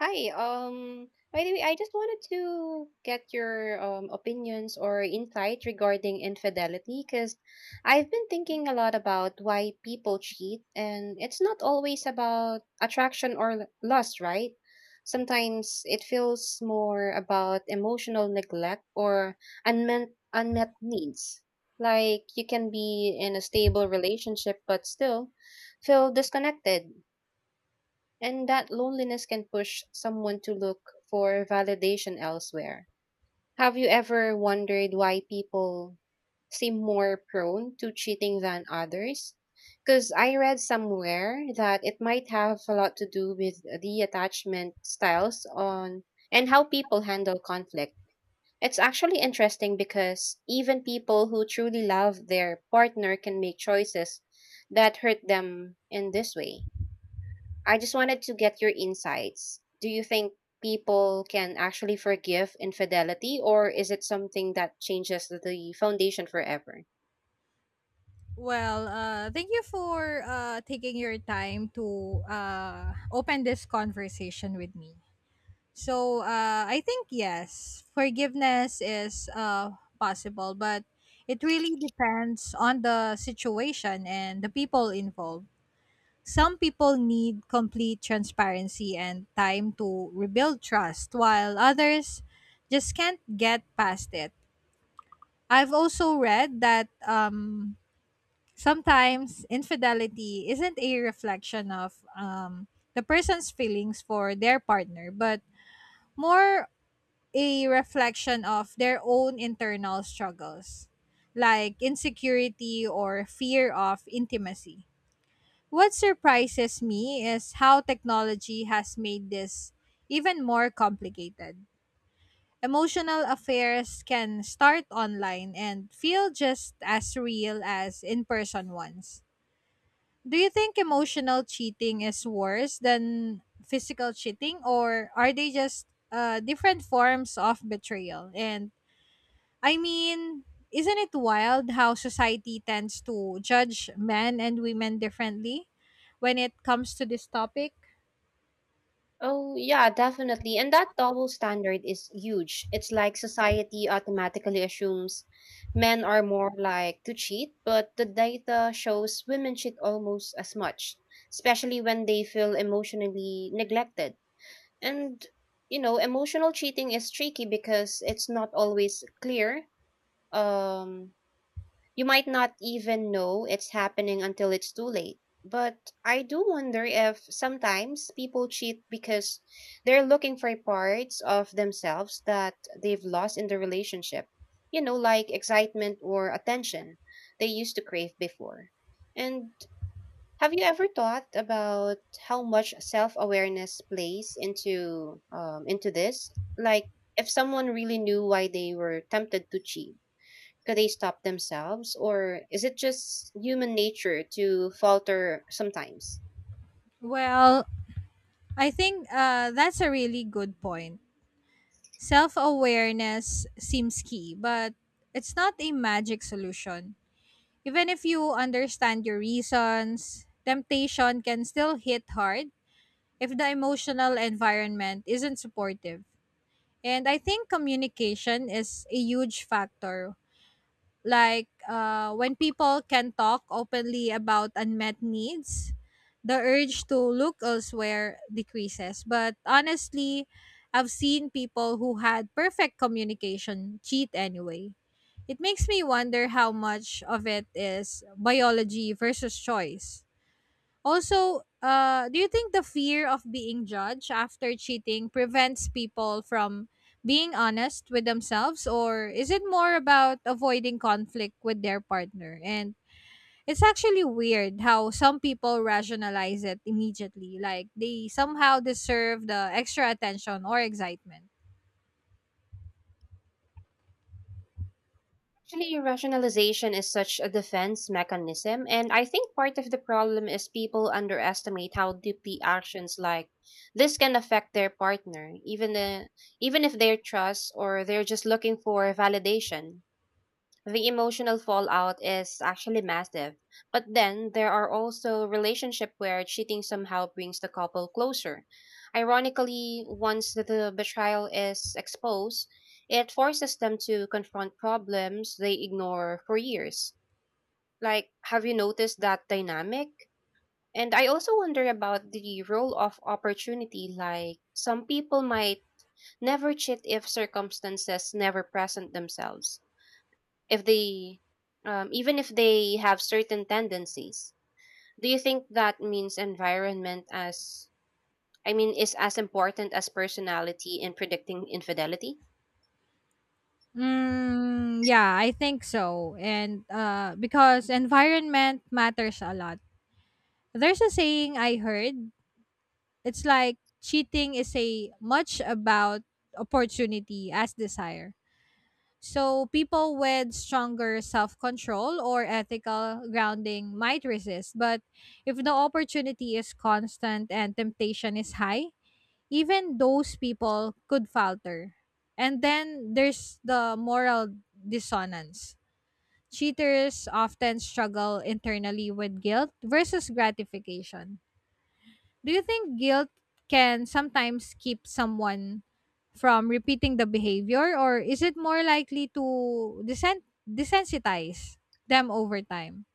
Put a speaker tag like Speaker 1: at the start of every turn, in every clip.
Speaker 1: Hi. By the way, I just wanted to get your opinions or insight regarding infidelity because I've been thinking a lot about why people cheat, and it's not always about attraction or lust, right? Sometimes it feels more about emotional neglect or unmet needs. Like you can be in a stable relationship but still feel disconnected, and that loneliness can push someone to look for validation elsewhere. Have you ever wondered why people seem more prone to cheating than others? Because I read somewhere that it might have a lot to do with the attachment styles on and how people handle conflict. It's actually interesting because even people who truly love their partner can make choices that hurt them in this way. I just wanted to get your insights. Do you think people can actually forgive infidelity, or is it something that changes the foundation forever?
Speaker 2: Well, thank you for taking your time to open this conversation with me. So I think yes, forgiveness is possible, but it really depends on the situation and the people involved. Some people need complete transparency and time to rebuild trust, while others just can't get past it. I've also read that sometimes infidelity isn't a reflection of the person's feelings for their partner, but more a reflection of their own internal struggles, like insecurity or fear of intimacy. What surprises me is how technology has made this even more complicated. Emotional affairs can start online and feel just as real as in person ones. Do you think emotional cheating is worse than physical cheating, or are they just different forms of betrayal? And I mean, isn't it wild how society tends to judge men and women differently when it comes to this topic?
Speaker 1: Oh, yeah, definitely. And that double standard is huge. It's like society automatically assumes men are more like to cheat, but the data shows women cheat almost as much, especially when they feel emotionally neglected. And, you know, emotional cheating is tricky because it's not always clear. um you might not even know it's happening until it's too late, but I do wonder if sometimes people cheat because they're looking for parts of themselves that they've lost in the relationship, you know, like excitement or attention they used to crave before. And have you ever thought about how much self-awareness plays into this? Like, if someone really knew why they were tempted to cheat, could they stop themselves, or is it just human nature to falter sometimes?
Speaker 2: Well, I think that's a really good point. Self awareness seems key, but it's not a magic solution. Even if you understand your reasons, temptation can still hit hard if the emotional environment isn't supportive. And I think communication is a huge factor, like when people can talk openly about unmet needs, the urge to look elsewhere decreases. But honestly, I've seen people who had perfect communication cheat anyway. It makes me wonder how much of it is biology versus choice. Also, do you think the fear of being judged after cheating prevents people from being honest with themselves, or is it more about avoiding conflict with their partner? And it's actually weird how some people rationalize it immediately, like they somehow deserve the extra attention or excitement.
Speaker 1: Actually, rationalization is such a defense mechanism, and I think part of the problem is people underestimate how deeply actions like this can affect their partner, even even if they're trust or they're just looking for validation. The emotional fallout is actually massive. But then there are also relationships where cheating somehow brings the couple closer. Ironically, once the betrayal is exposed, it forces them to confront problems they ignore for years. Like, have you noticed that dynamic? And I also wonder about the role of opportunity. Like, some people might never cheat if circumstances never present themselves, if they even if they have certain tendencies. Do you think that means environment as I mean is as important as personality in predicting infidelity?
Speaker 2: Mm, yeah, I think so. And because environment matters a lot. There's a saying I heard. It's like cheating is a much about opportunity as desire. So people with stronger self-control or ethical grounding might resist, but if the opportunity is constant and temptation is high, even those people could falter. And then there's the moral dissonance. Cheaters often struggle internally with guilt versus gratification. Do you think guilt can sometimes keep someone from repeating the behavior, or is it more likely to desensitize them over time?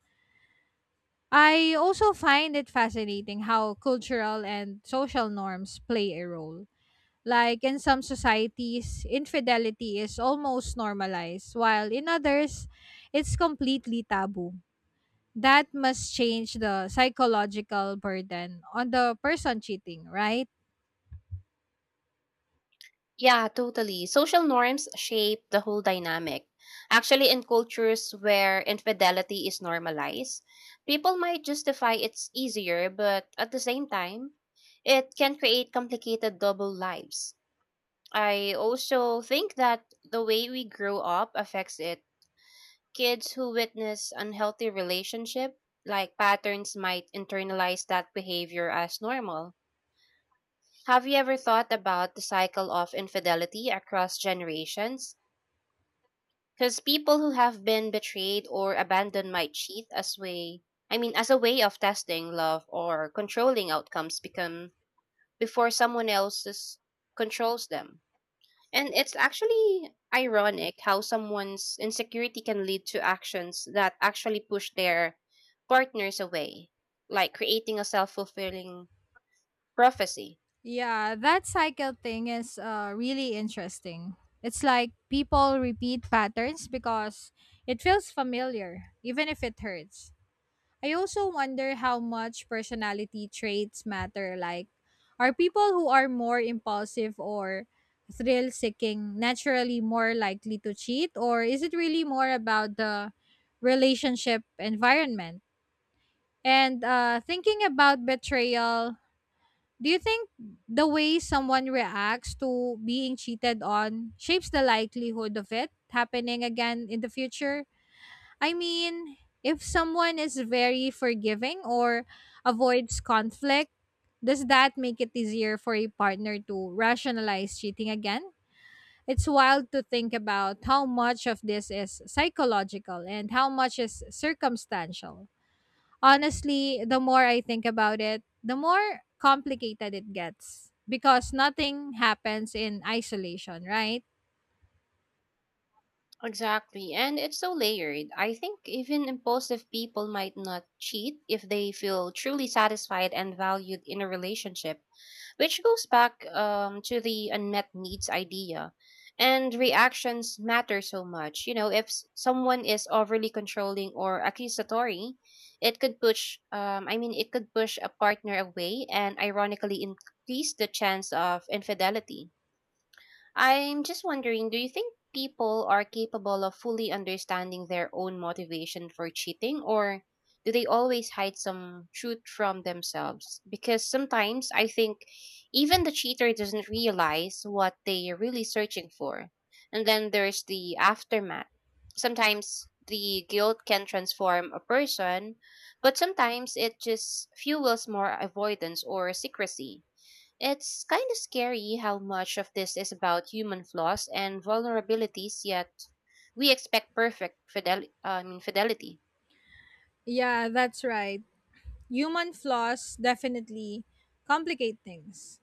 Speaker 2: I also find it fascinating how cultural and social norms play a role. Like in some societies, infidelity is almost normalized, while in others, it's completely taboo. That must change the psychological burden on the person cheating, right?
Speaker 1: Yeah, totally. Social norms shape the whole dynamic. Actually, in cultures where infidelity is normalized, people might justify it's easier, but at the same time, it can create complicated double lives. I also think that the way we grow up affects it. Kids who witness unhealthy relationship, like, patterns might internalize that behavior as normal. Have you ever thought about the cycle of infidelity across generations? Because people who have been betrayed or abandoned might cheat as way I mean as a way of testing love or controlling outcomes become before someone else's controls them. And it's actually ironic how someone's insecurity can lead to actions that actually push their partners away, like creating a self fulfilling prophecy.
Speaker 2: Yeah, that cycle thing is really interesting. It's like people repeat patterns because it feels familiar, even if it hurts. I also wonder how much personality traits matter. Like, are people who are more impulsive or thrill seeking naturally more likely to cheat, or is it really more about the relationship environment? And thinking about betrayal, do you think the way someone reacts to being cheated on shapes the likelihood of it happening again in the future? I mean, if someone is very forgiving or avoids conflict, does that make it easier for a partner to rationalize cheating again? It's wild to think about how much of this is psychological and how much is circumstantial. Honestly, the more I think about it, the more complicated it gets because nothing happens in isolation, right?
Speaker 1: Exactly. And it's so layered. I think even impulsive people might not cheat if they feel truly satisfied and valued in a relationship, which goes back to the unmet needs idea. And reactions matter so much. You know, if someone is overly controlling or accusatory, it could push a partner away and ironically increase the chance of infidelity. I'm just wondering, do you think people are capable of fully understanding their own motivation for cheating, or do they always hide some truth from themselves? Because sometimes I think even the cheater doesn't realize what they're really searching for. And then there's the aftermath. Sometimes the guilt can transform a person, but sometimes it just fuels more avoidance or secrecy. It's kind of scary how much of this is about human flaws and vulnerabilities, yet we expect perfect fidelity.
Speaker 2: Yeah, that's right. Human flaws definitely complicate things.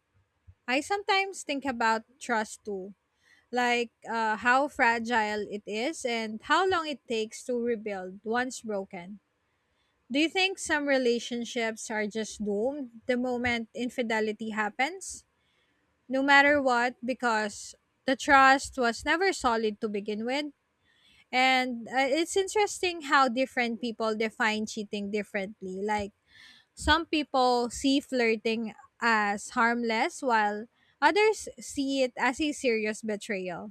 Speaker 2: I sometimes think about trust too, like how fragile it is and how long it takes to rebuild once broken. Do you think some relationships are just doomed the moment infidelity happens, no matter what, because the trust was never solid to begin with? And it's interesting how different people define cheating differently. Like some people see flirting as harmless while others see it as a serious betrayal.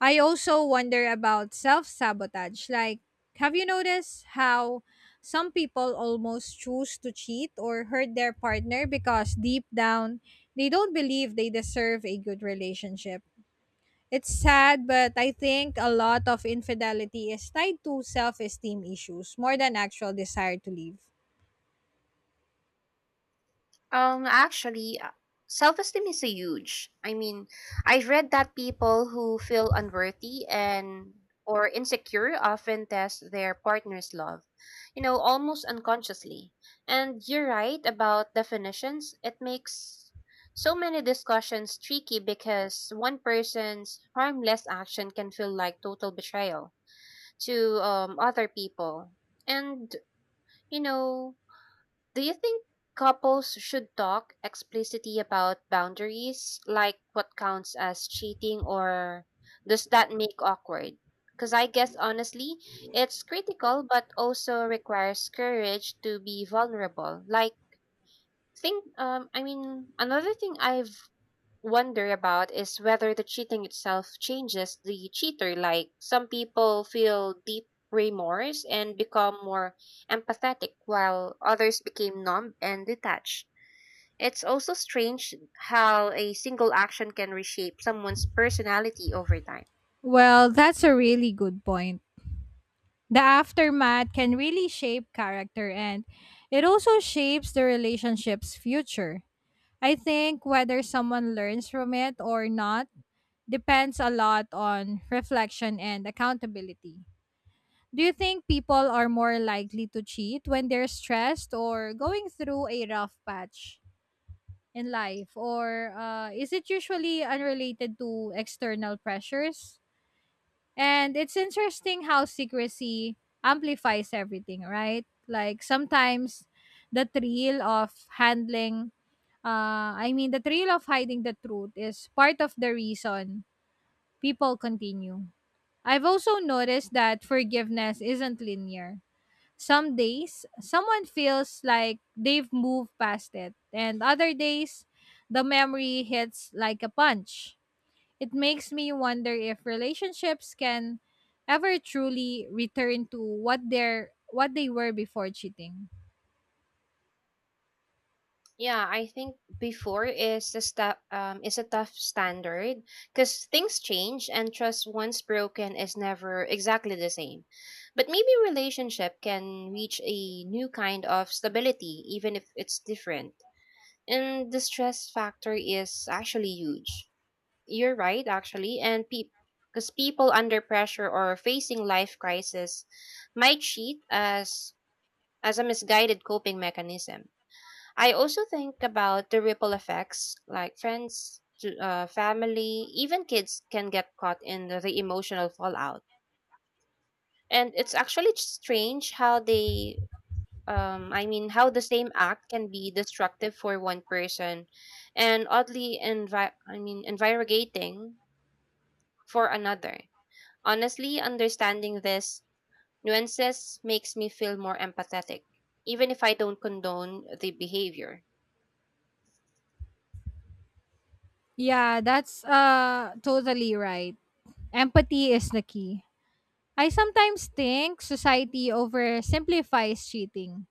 Speaker 2: I also wonder about self sabotage. Like, have you noticed how some people almost choose to cheat or hurt their partner because deep down they don't believe they deserve a good relationship? It's sad, but I think a lot of infidelity is tied to self esteem issues more than actual desire to leave.
Speaker 1: Actually, self-esteem is a huge. I mean, I've read that people who feel unworthy and or insecure often test their partner's love, you know, almost unconsciously. And you're right about definitions. It makes so many discussions tricky because one person's harmless action can feel like total betrayal to other people. And you know, do you think couples should talk explicitly about boundaries, like what counts as cheating, or does that make awkward? Because I guess honestly, it's critical, but also requires courage to be vulnerable. Like, another thing I've wonder about is whether the cheating itself changes the cheater. Like, some people feel deep remorse and become more empathetic, while others became numb and detached. It's also strange how a single action can reshape someone's personality over time.
Speaker 2: Well, that's a really good point. The aftermath can really shape character, and it also shapes the relationship's future. I think whether someone learns from it or not depends a lot on reflection and accountability. Do you think people are more likely to cheat when they're stressed or going through a rough patch in life? Or is it usually unrelated to external pressures? And it's interesting how secrecy amplifies everything, right? Like sometimes the thrill of the thrill of hiding the truth is part of the reason people continue. I've also noticed that forgiveness isn't linear. Some days, someone feels like they've moved past it, and other days, the memory hits like a punch. It makes me wonder if relationships can ever truly return to what they were before cheating.
Speaker 1: Yeah, I think before is the is a tough standard because things change, and trust once broken is never exactly the same. But maybe relationship can reach a new kind of stability even if it's different. And the stress factor is actually huge. You're right, actually, and because people under pressure or facing life crisis might cheat as a misguided coping mechanism. I also think about the ripple effects, like friends, family, even kids can get caught in the emotional fallout. And it's actually strange how how the same act can be destructive for one person and oddly, invigorating for another. Honestly, understanding this nuances makes me feel more empathetic, even if I don't condone the behavior.
Speaker 2: Yeah, that's totally right. Empathy is the key. I sometimes think society oversimplifies cheating.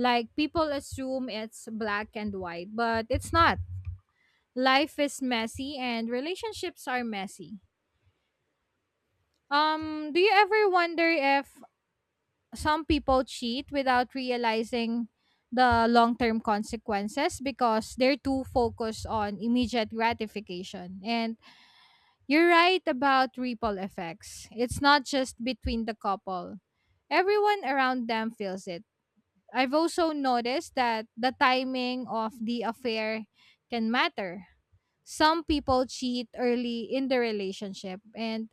Speaker 2: Like people assume it's black and white, but it's not. Life is messy and relationships are messy. Do you ever wonder if some people cheat without realizing the long-term consequences because they're too focused on immediate gratification? And you're right about ripple effects. It's not just between the couple. Everyone around them feels it. I've also noticed that the timing of the affair can matter. Some people cheat early in the relationship, and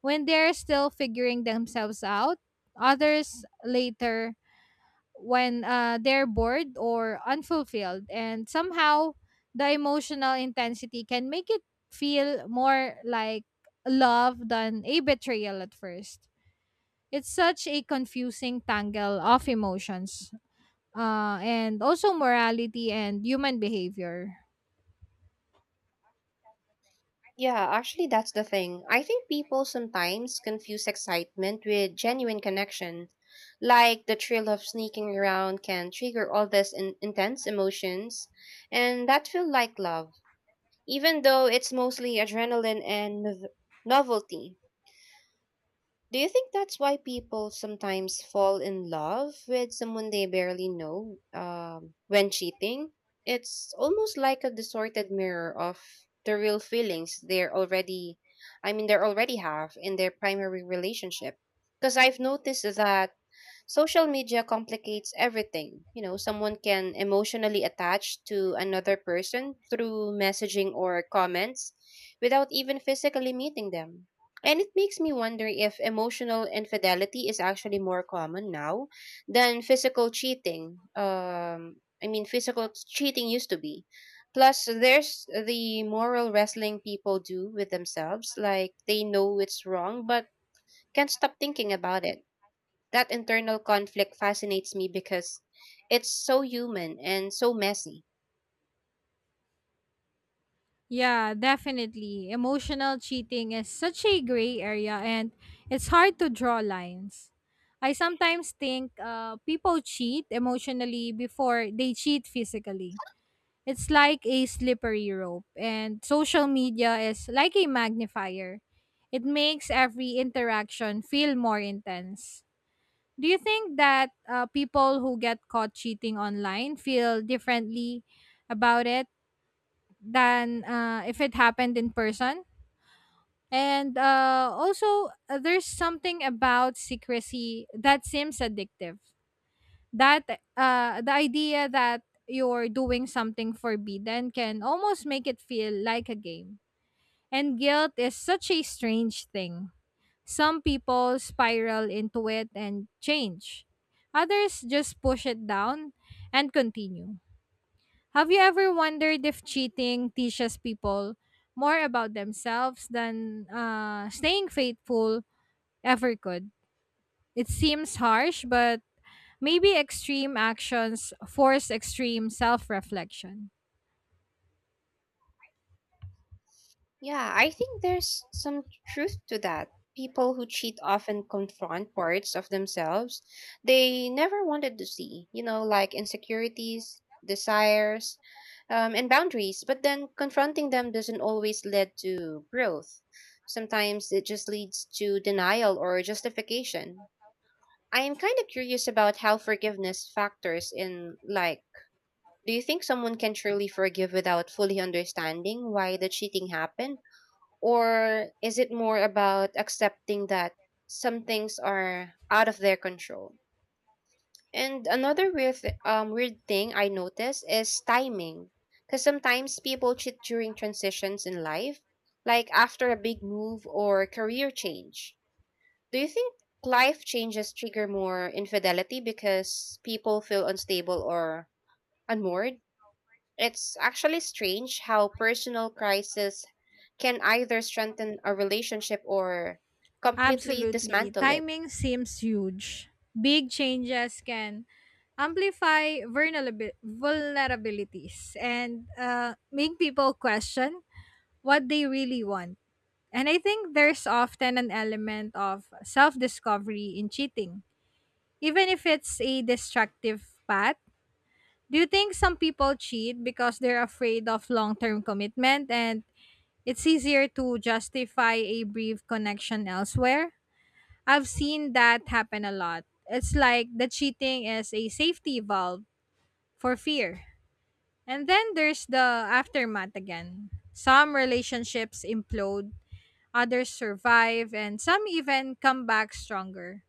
Speaker 2: when they're still figuring themselves out, others later when they're bored or unfulfilled. And somehow the emotional intensity can make it feel more like love than a betrayal at first. It's such a confusing tangle of emotions, and also morality and human behavior.
Speaker 1: Yeah, actually, that's the thing. I think people sometimes confuse excitement with genuine connection. Like the thrill of sneaking around can trigger all this intense emotions, and that feel like love, even though it's mostly adrenaline and novelty. Do you think that's why people sometimes fall in love with someone they barely know when cheating? It's almost like a distorted mirror of the real feelings they already have in their primary relationship. Because I've noticed that social media complicates everything. You know, someone can emotionally attach to another person through messaging or comments without even physically meeting them. And it makes me wonder if emotional infidelity is actually more common now than physical cheating. Physical cheating used to be. Plus, there's the moral wrestling people do with themselves, like they know it's wrong but can't stop thinking about it. That internal conflict fascinates me because it's so human and so messy.
Speaker 2: Yeah, definitely. Emotional cheating is such a gray area, and it's hard to draw lines. I sometimes think people cheat emotionally before they cheat physically. It's like a slippery rope, and social media is like a magnifier. It makes every interaction feel more intense. Do you think that people who get caught cheating online feel differently about it than if it happened in person? And there's something about secrecy that seems addictive. That The idea that you're doing something forbidden can almost make it feel like a game. And guilt is such a strange thing. Some people spiral into it and change, others just push it down and continue. Have you ever wondered if cheating teaches people more about themselves than staying faithful ever could? It seems harsh, but maybe extreme actions force extreme self reflection.
Speaker 1: Yeah, I think there's some truth to that. People who cheat often confront parts of themselves they never wanted to see, you know, like insecurities, desires, and boundaries. But then confronting them doesn't always lead to growth. Sometimes it just leads to denial or justification. I am kind of curious about how forgiveness factors in. Like, do you think someone can truly forgive without fully understanding why the cheating happened? Or is it more about accepting that some things are out of their control? And another weird thing I noticed is timing. Because sometimes people cheat during transitions in life, like after a big move or career change. Do you think life changes trigger more infidelity because people feel unstable or unmoored? It's actually strange how personal crisis can either strengthen a relationship or completely
Speaker 2: Absolutely.
Speaker 1: dismantle it.
Speaker 2: Timing seems huge. Big changes can amplify vulnerabilities and make people question what they really want. And I think there's often an element of self discovery in cheating, even if it's a destructive path. Do you think some people cheat because they're afraid of long term commitment and it's easier to justify a brief connection elsewhere? I've seen that happen a lot. It's like the cheating is a safety valve for fear. And then there's the aftermath again. Some relationships implode, others survive, and some even come back stronger.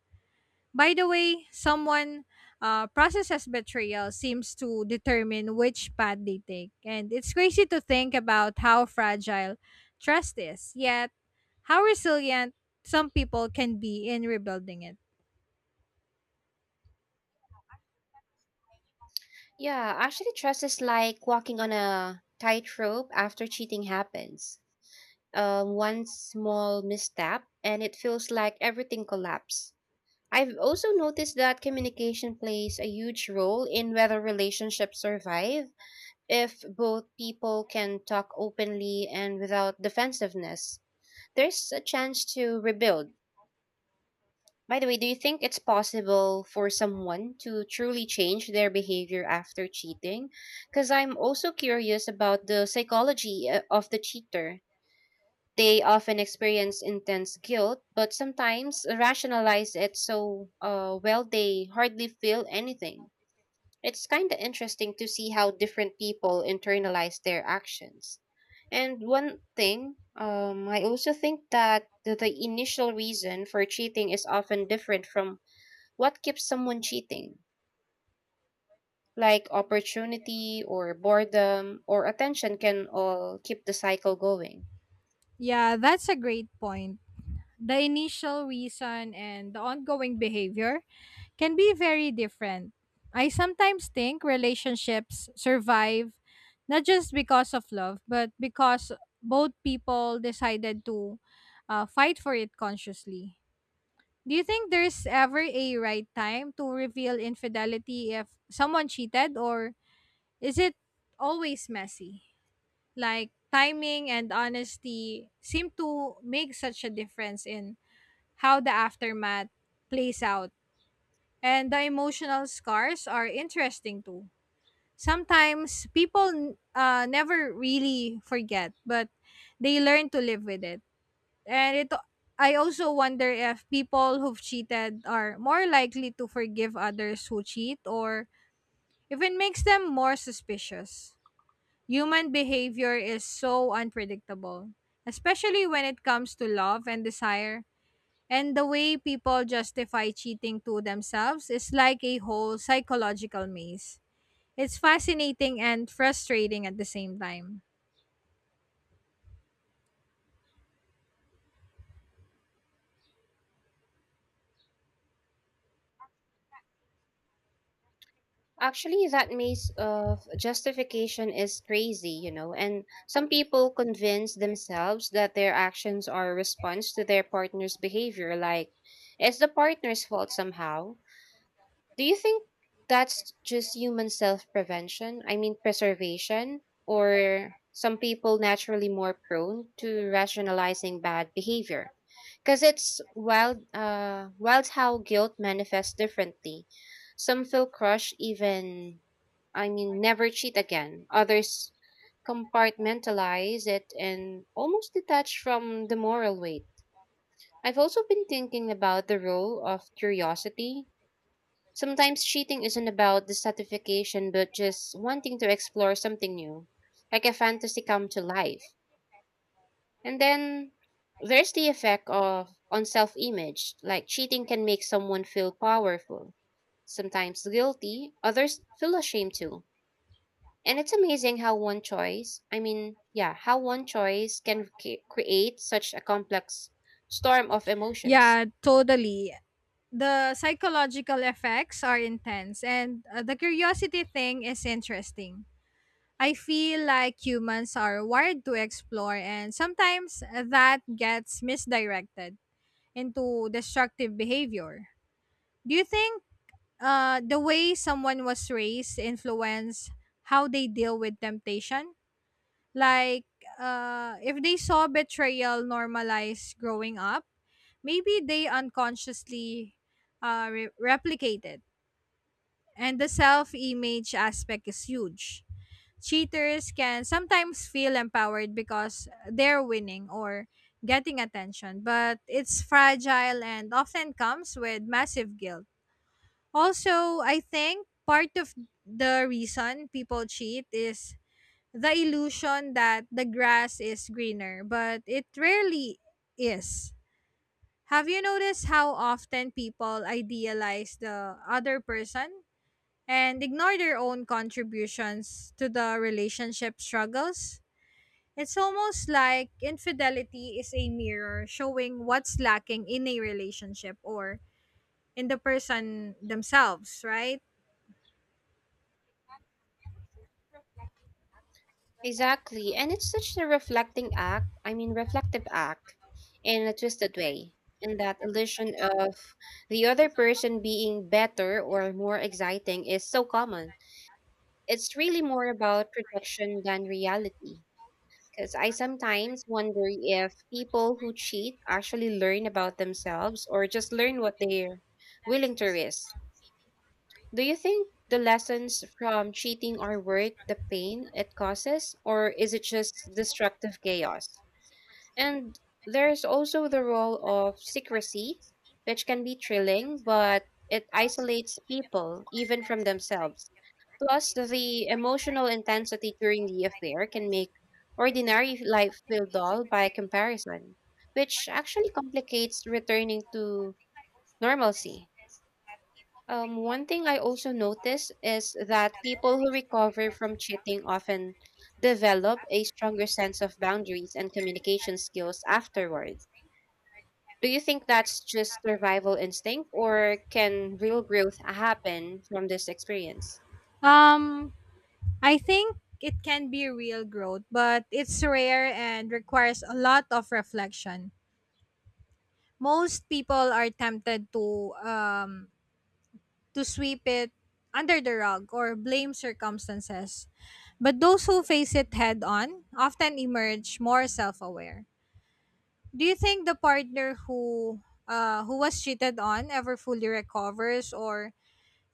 Speaker 2: By the way, someone processes betrayal seems to determine which path they take. And it's crazy to think about how fragile trust is, yet, how resilient some people can be in rebuilding it.
Speaker 1: Yeah, actually, trust is like walking on a tightrope after cheating happens. One small misstep, and it feels like everything collapses. I've also noticed that communication plays a huge role in whether relationships survive. If both people can talk openly and without defensiveness, there's a chance to rebuild. By the way, do you think it's possible for someone to truly change their behavior after cheating? Because I'm also curious about the psychology of the cheater. They often experience intense guilt, but sometimes rationalize it so well they hardly feel anything. It's kind of interesting to see how different people internalize their actions. And one thing, I also think that the initial reason for cheating is often different from what keeps someone cheating. Like opportunity or boredom or attention can all keep the cycle going.
Speaker 2: Yeah, that's a great point. The initial reason and the ongoing behavior can be very different. I sometimes think relationships survive not just because of love, but because both people decided to fight for it consciously. Do you think there's ever a right time to reveal infidelity if someone cheated, or is it always messy? Like, timing and honesty seem to make such a difference in how the aftermath plays out. And the emotional scars are interesting too. Sometimes people never really forget, but they learn to live with it. And it I also wonder if people who've cheated are more likely to forgive others who cheat, or if it makes them more suspicious. Human behavior is so unpredictable, especially when it comes to love and desire. And the way people justify cheating to themselves is like a whole psychological maze. It's fascinating and frustrating at the same time.
Speaker 1: Actually, that maze of justification is crazy, you know, and some people convince themselves that their actions are a response to their partner's behavior, like it's the partner's fault somehow. Do you think that's just human self prevention? I mean, preservation? Or some people naturally more prone to rationalizing bad behavior? Because it's wild how guilt manifests differently. Some feel crushed, even never cheat again. Others compartmentalize it and almost detach from the moral weight. I've also been thinking about the role of curiosity. Sometimes cheating isn't about the satisfaction, but just wanting to explore something new, like a fantasy come to life. And then there's the effect of on self-image. Like cheating can make someone feel powerful, sometimes guilty, others feel ashamed too. And it's amazing how one choice, I mean, yeah, how one choice can create such a complex storm of emotions.
Speaker 2: Yeah, totally. The psychological effects are intense, and the curiosity thing is interesting. I feel like humans are wired to explore, and sometimes that gets misdirected into destructive behavior. Do you think the way someone was raised influence how they deal with temptation? Like, if they saw betrayal normalized growing up, maybe they unconsciously replicate it. And the self image aspect is huge. Cheaters can sometimes feel empowered because they're winning or getting attention, but it's fragile and often comes with massive guilt. Also, I think part of the reason people cheat is the illusion that the grass is greener, but it rarely is. Have you noticed how often people idealize the other person and ignore their own contributions to the relationship struggles? It's almost like infidelity is a mirror showing what's lacking in a relationship or in the person themselves, right?
Speaker 1: Exactly. And it's such a reflecting act, I mean, reflective act in a twisted way. And that illusion of the other person being better or more exciting is so common. It's really more about projection than reality. Because I sometimes wonder if people who cheat actually learn about themselves or just learn what they're willing to risk. Do you think the lessons from cheating are worth the pain it causes, or is it just destructive chaos? And there's also the role of secrecy, which can be thrilling, but it isolates people even from themselves. Plus, the emotional intensity during the affair can make ordinary life feel dull by comparison, which actually complicates returning to normalcy. One thing I also notice is that people who recover from cheating often develop a stronger sense of boundaries and communication skills afterward. Do you think that's just survival instinct, or can real growth happen from this experience?
Speaker 2: Um, I think it can be real growth, but it's rare and requires a lot of reflection. Most people are tempted to sweep it under the rug or blame circumstances, but those who face it head on often emerge more self aware. Do you think the partner who was cheated on ever fully recovers, or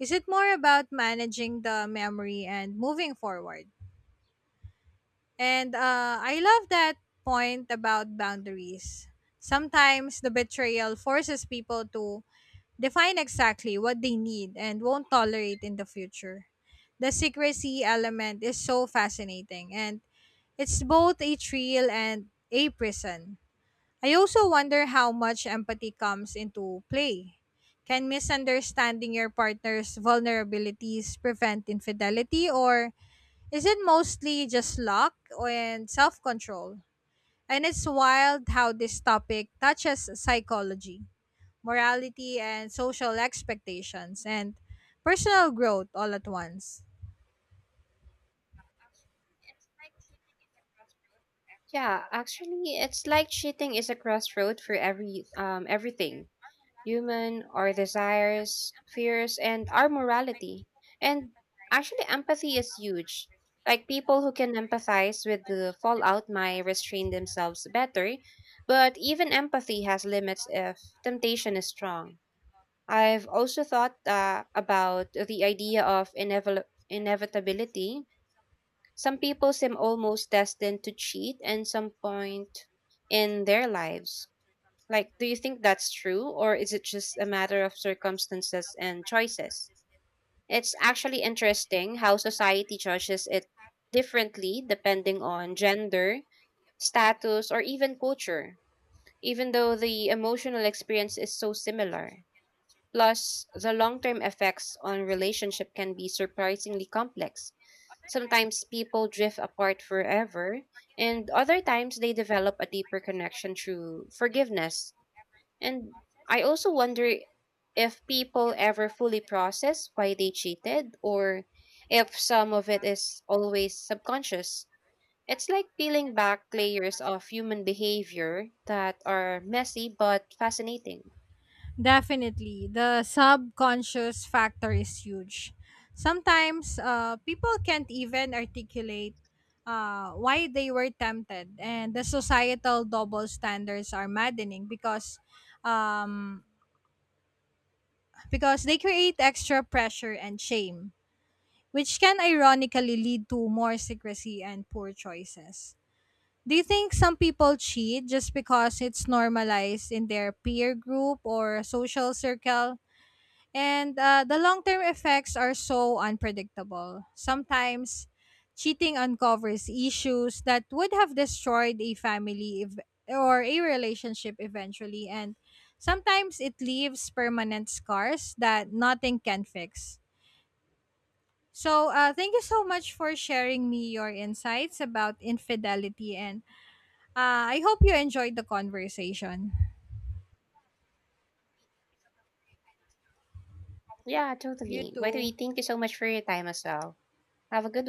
Speaker 2: is it more about managing the memory and moving forward? And I love that point about boundaries. Sometimes the betrayal forces people to define exactly what they need and won't tolerate in the future. The secrecy element is so fascinating, and it's both a thrill and a prison. I also wonder how much empathy comes into play. Can misunderstanding your partner's vulnerabilities prevent infidelity, or is it mostly just and self control? And it's wild how this topic touches psychology, morality, and social expectations, and personal growth all at once.
Speaker 1: Yeah, actually, it's like cheating is a crossroad for everything human, our desires, fears, and our morality. And actually, empathy is huge. Like people who can empathize with the fallout might restrain themselves better, but even empathy has limits if temptation is strong. I've also thought about the idea of inevitability. Some people seem almost destined to cheat at some point in their lives. Like, do you think that's true, or is it just a matter of circumstances and choices? It's actually interesting how society judges it differently depending on gender, status, or even culture, even though the emotional experience is so similar. Plus, the long term effects on relationship can be surprisingly complex. Sometimes people drift apart forever, and other times they develop a deeper connection through forgiveness. And I also wonder if people ever fully process why they cheated or if some of it is always subconscious. It's like peeling back layers of human behavior that are messy but fascinating.
Speaker 2: Definitely, the subconscious factor is huge. Sometimes people can't even articulate why they were tempted, and the societal double standards are maddening um, because they create extra pressure and shame, which can ironically lead to more secrecy and poor choices. Do you think some people cheat just because it's normalized in their peer group or social circle? And the long term effects are so unpredictable. Sometimes cheating uncovers issues that would have destroyed a or a relationship eventually. And sometimes it leaves permanent scars that nothing can fix. So, thank you so much for sharing me your insights about infidelity. And I hope you enjoyed the conversation.
Speaker 1: Yeah,
Speaker 2: You
Speaker 1: totally. By the way,
Speaker 2: too.
Speaker 1: thank you so much for your time as well. Have a good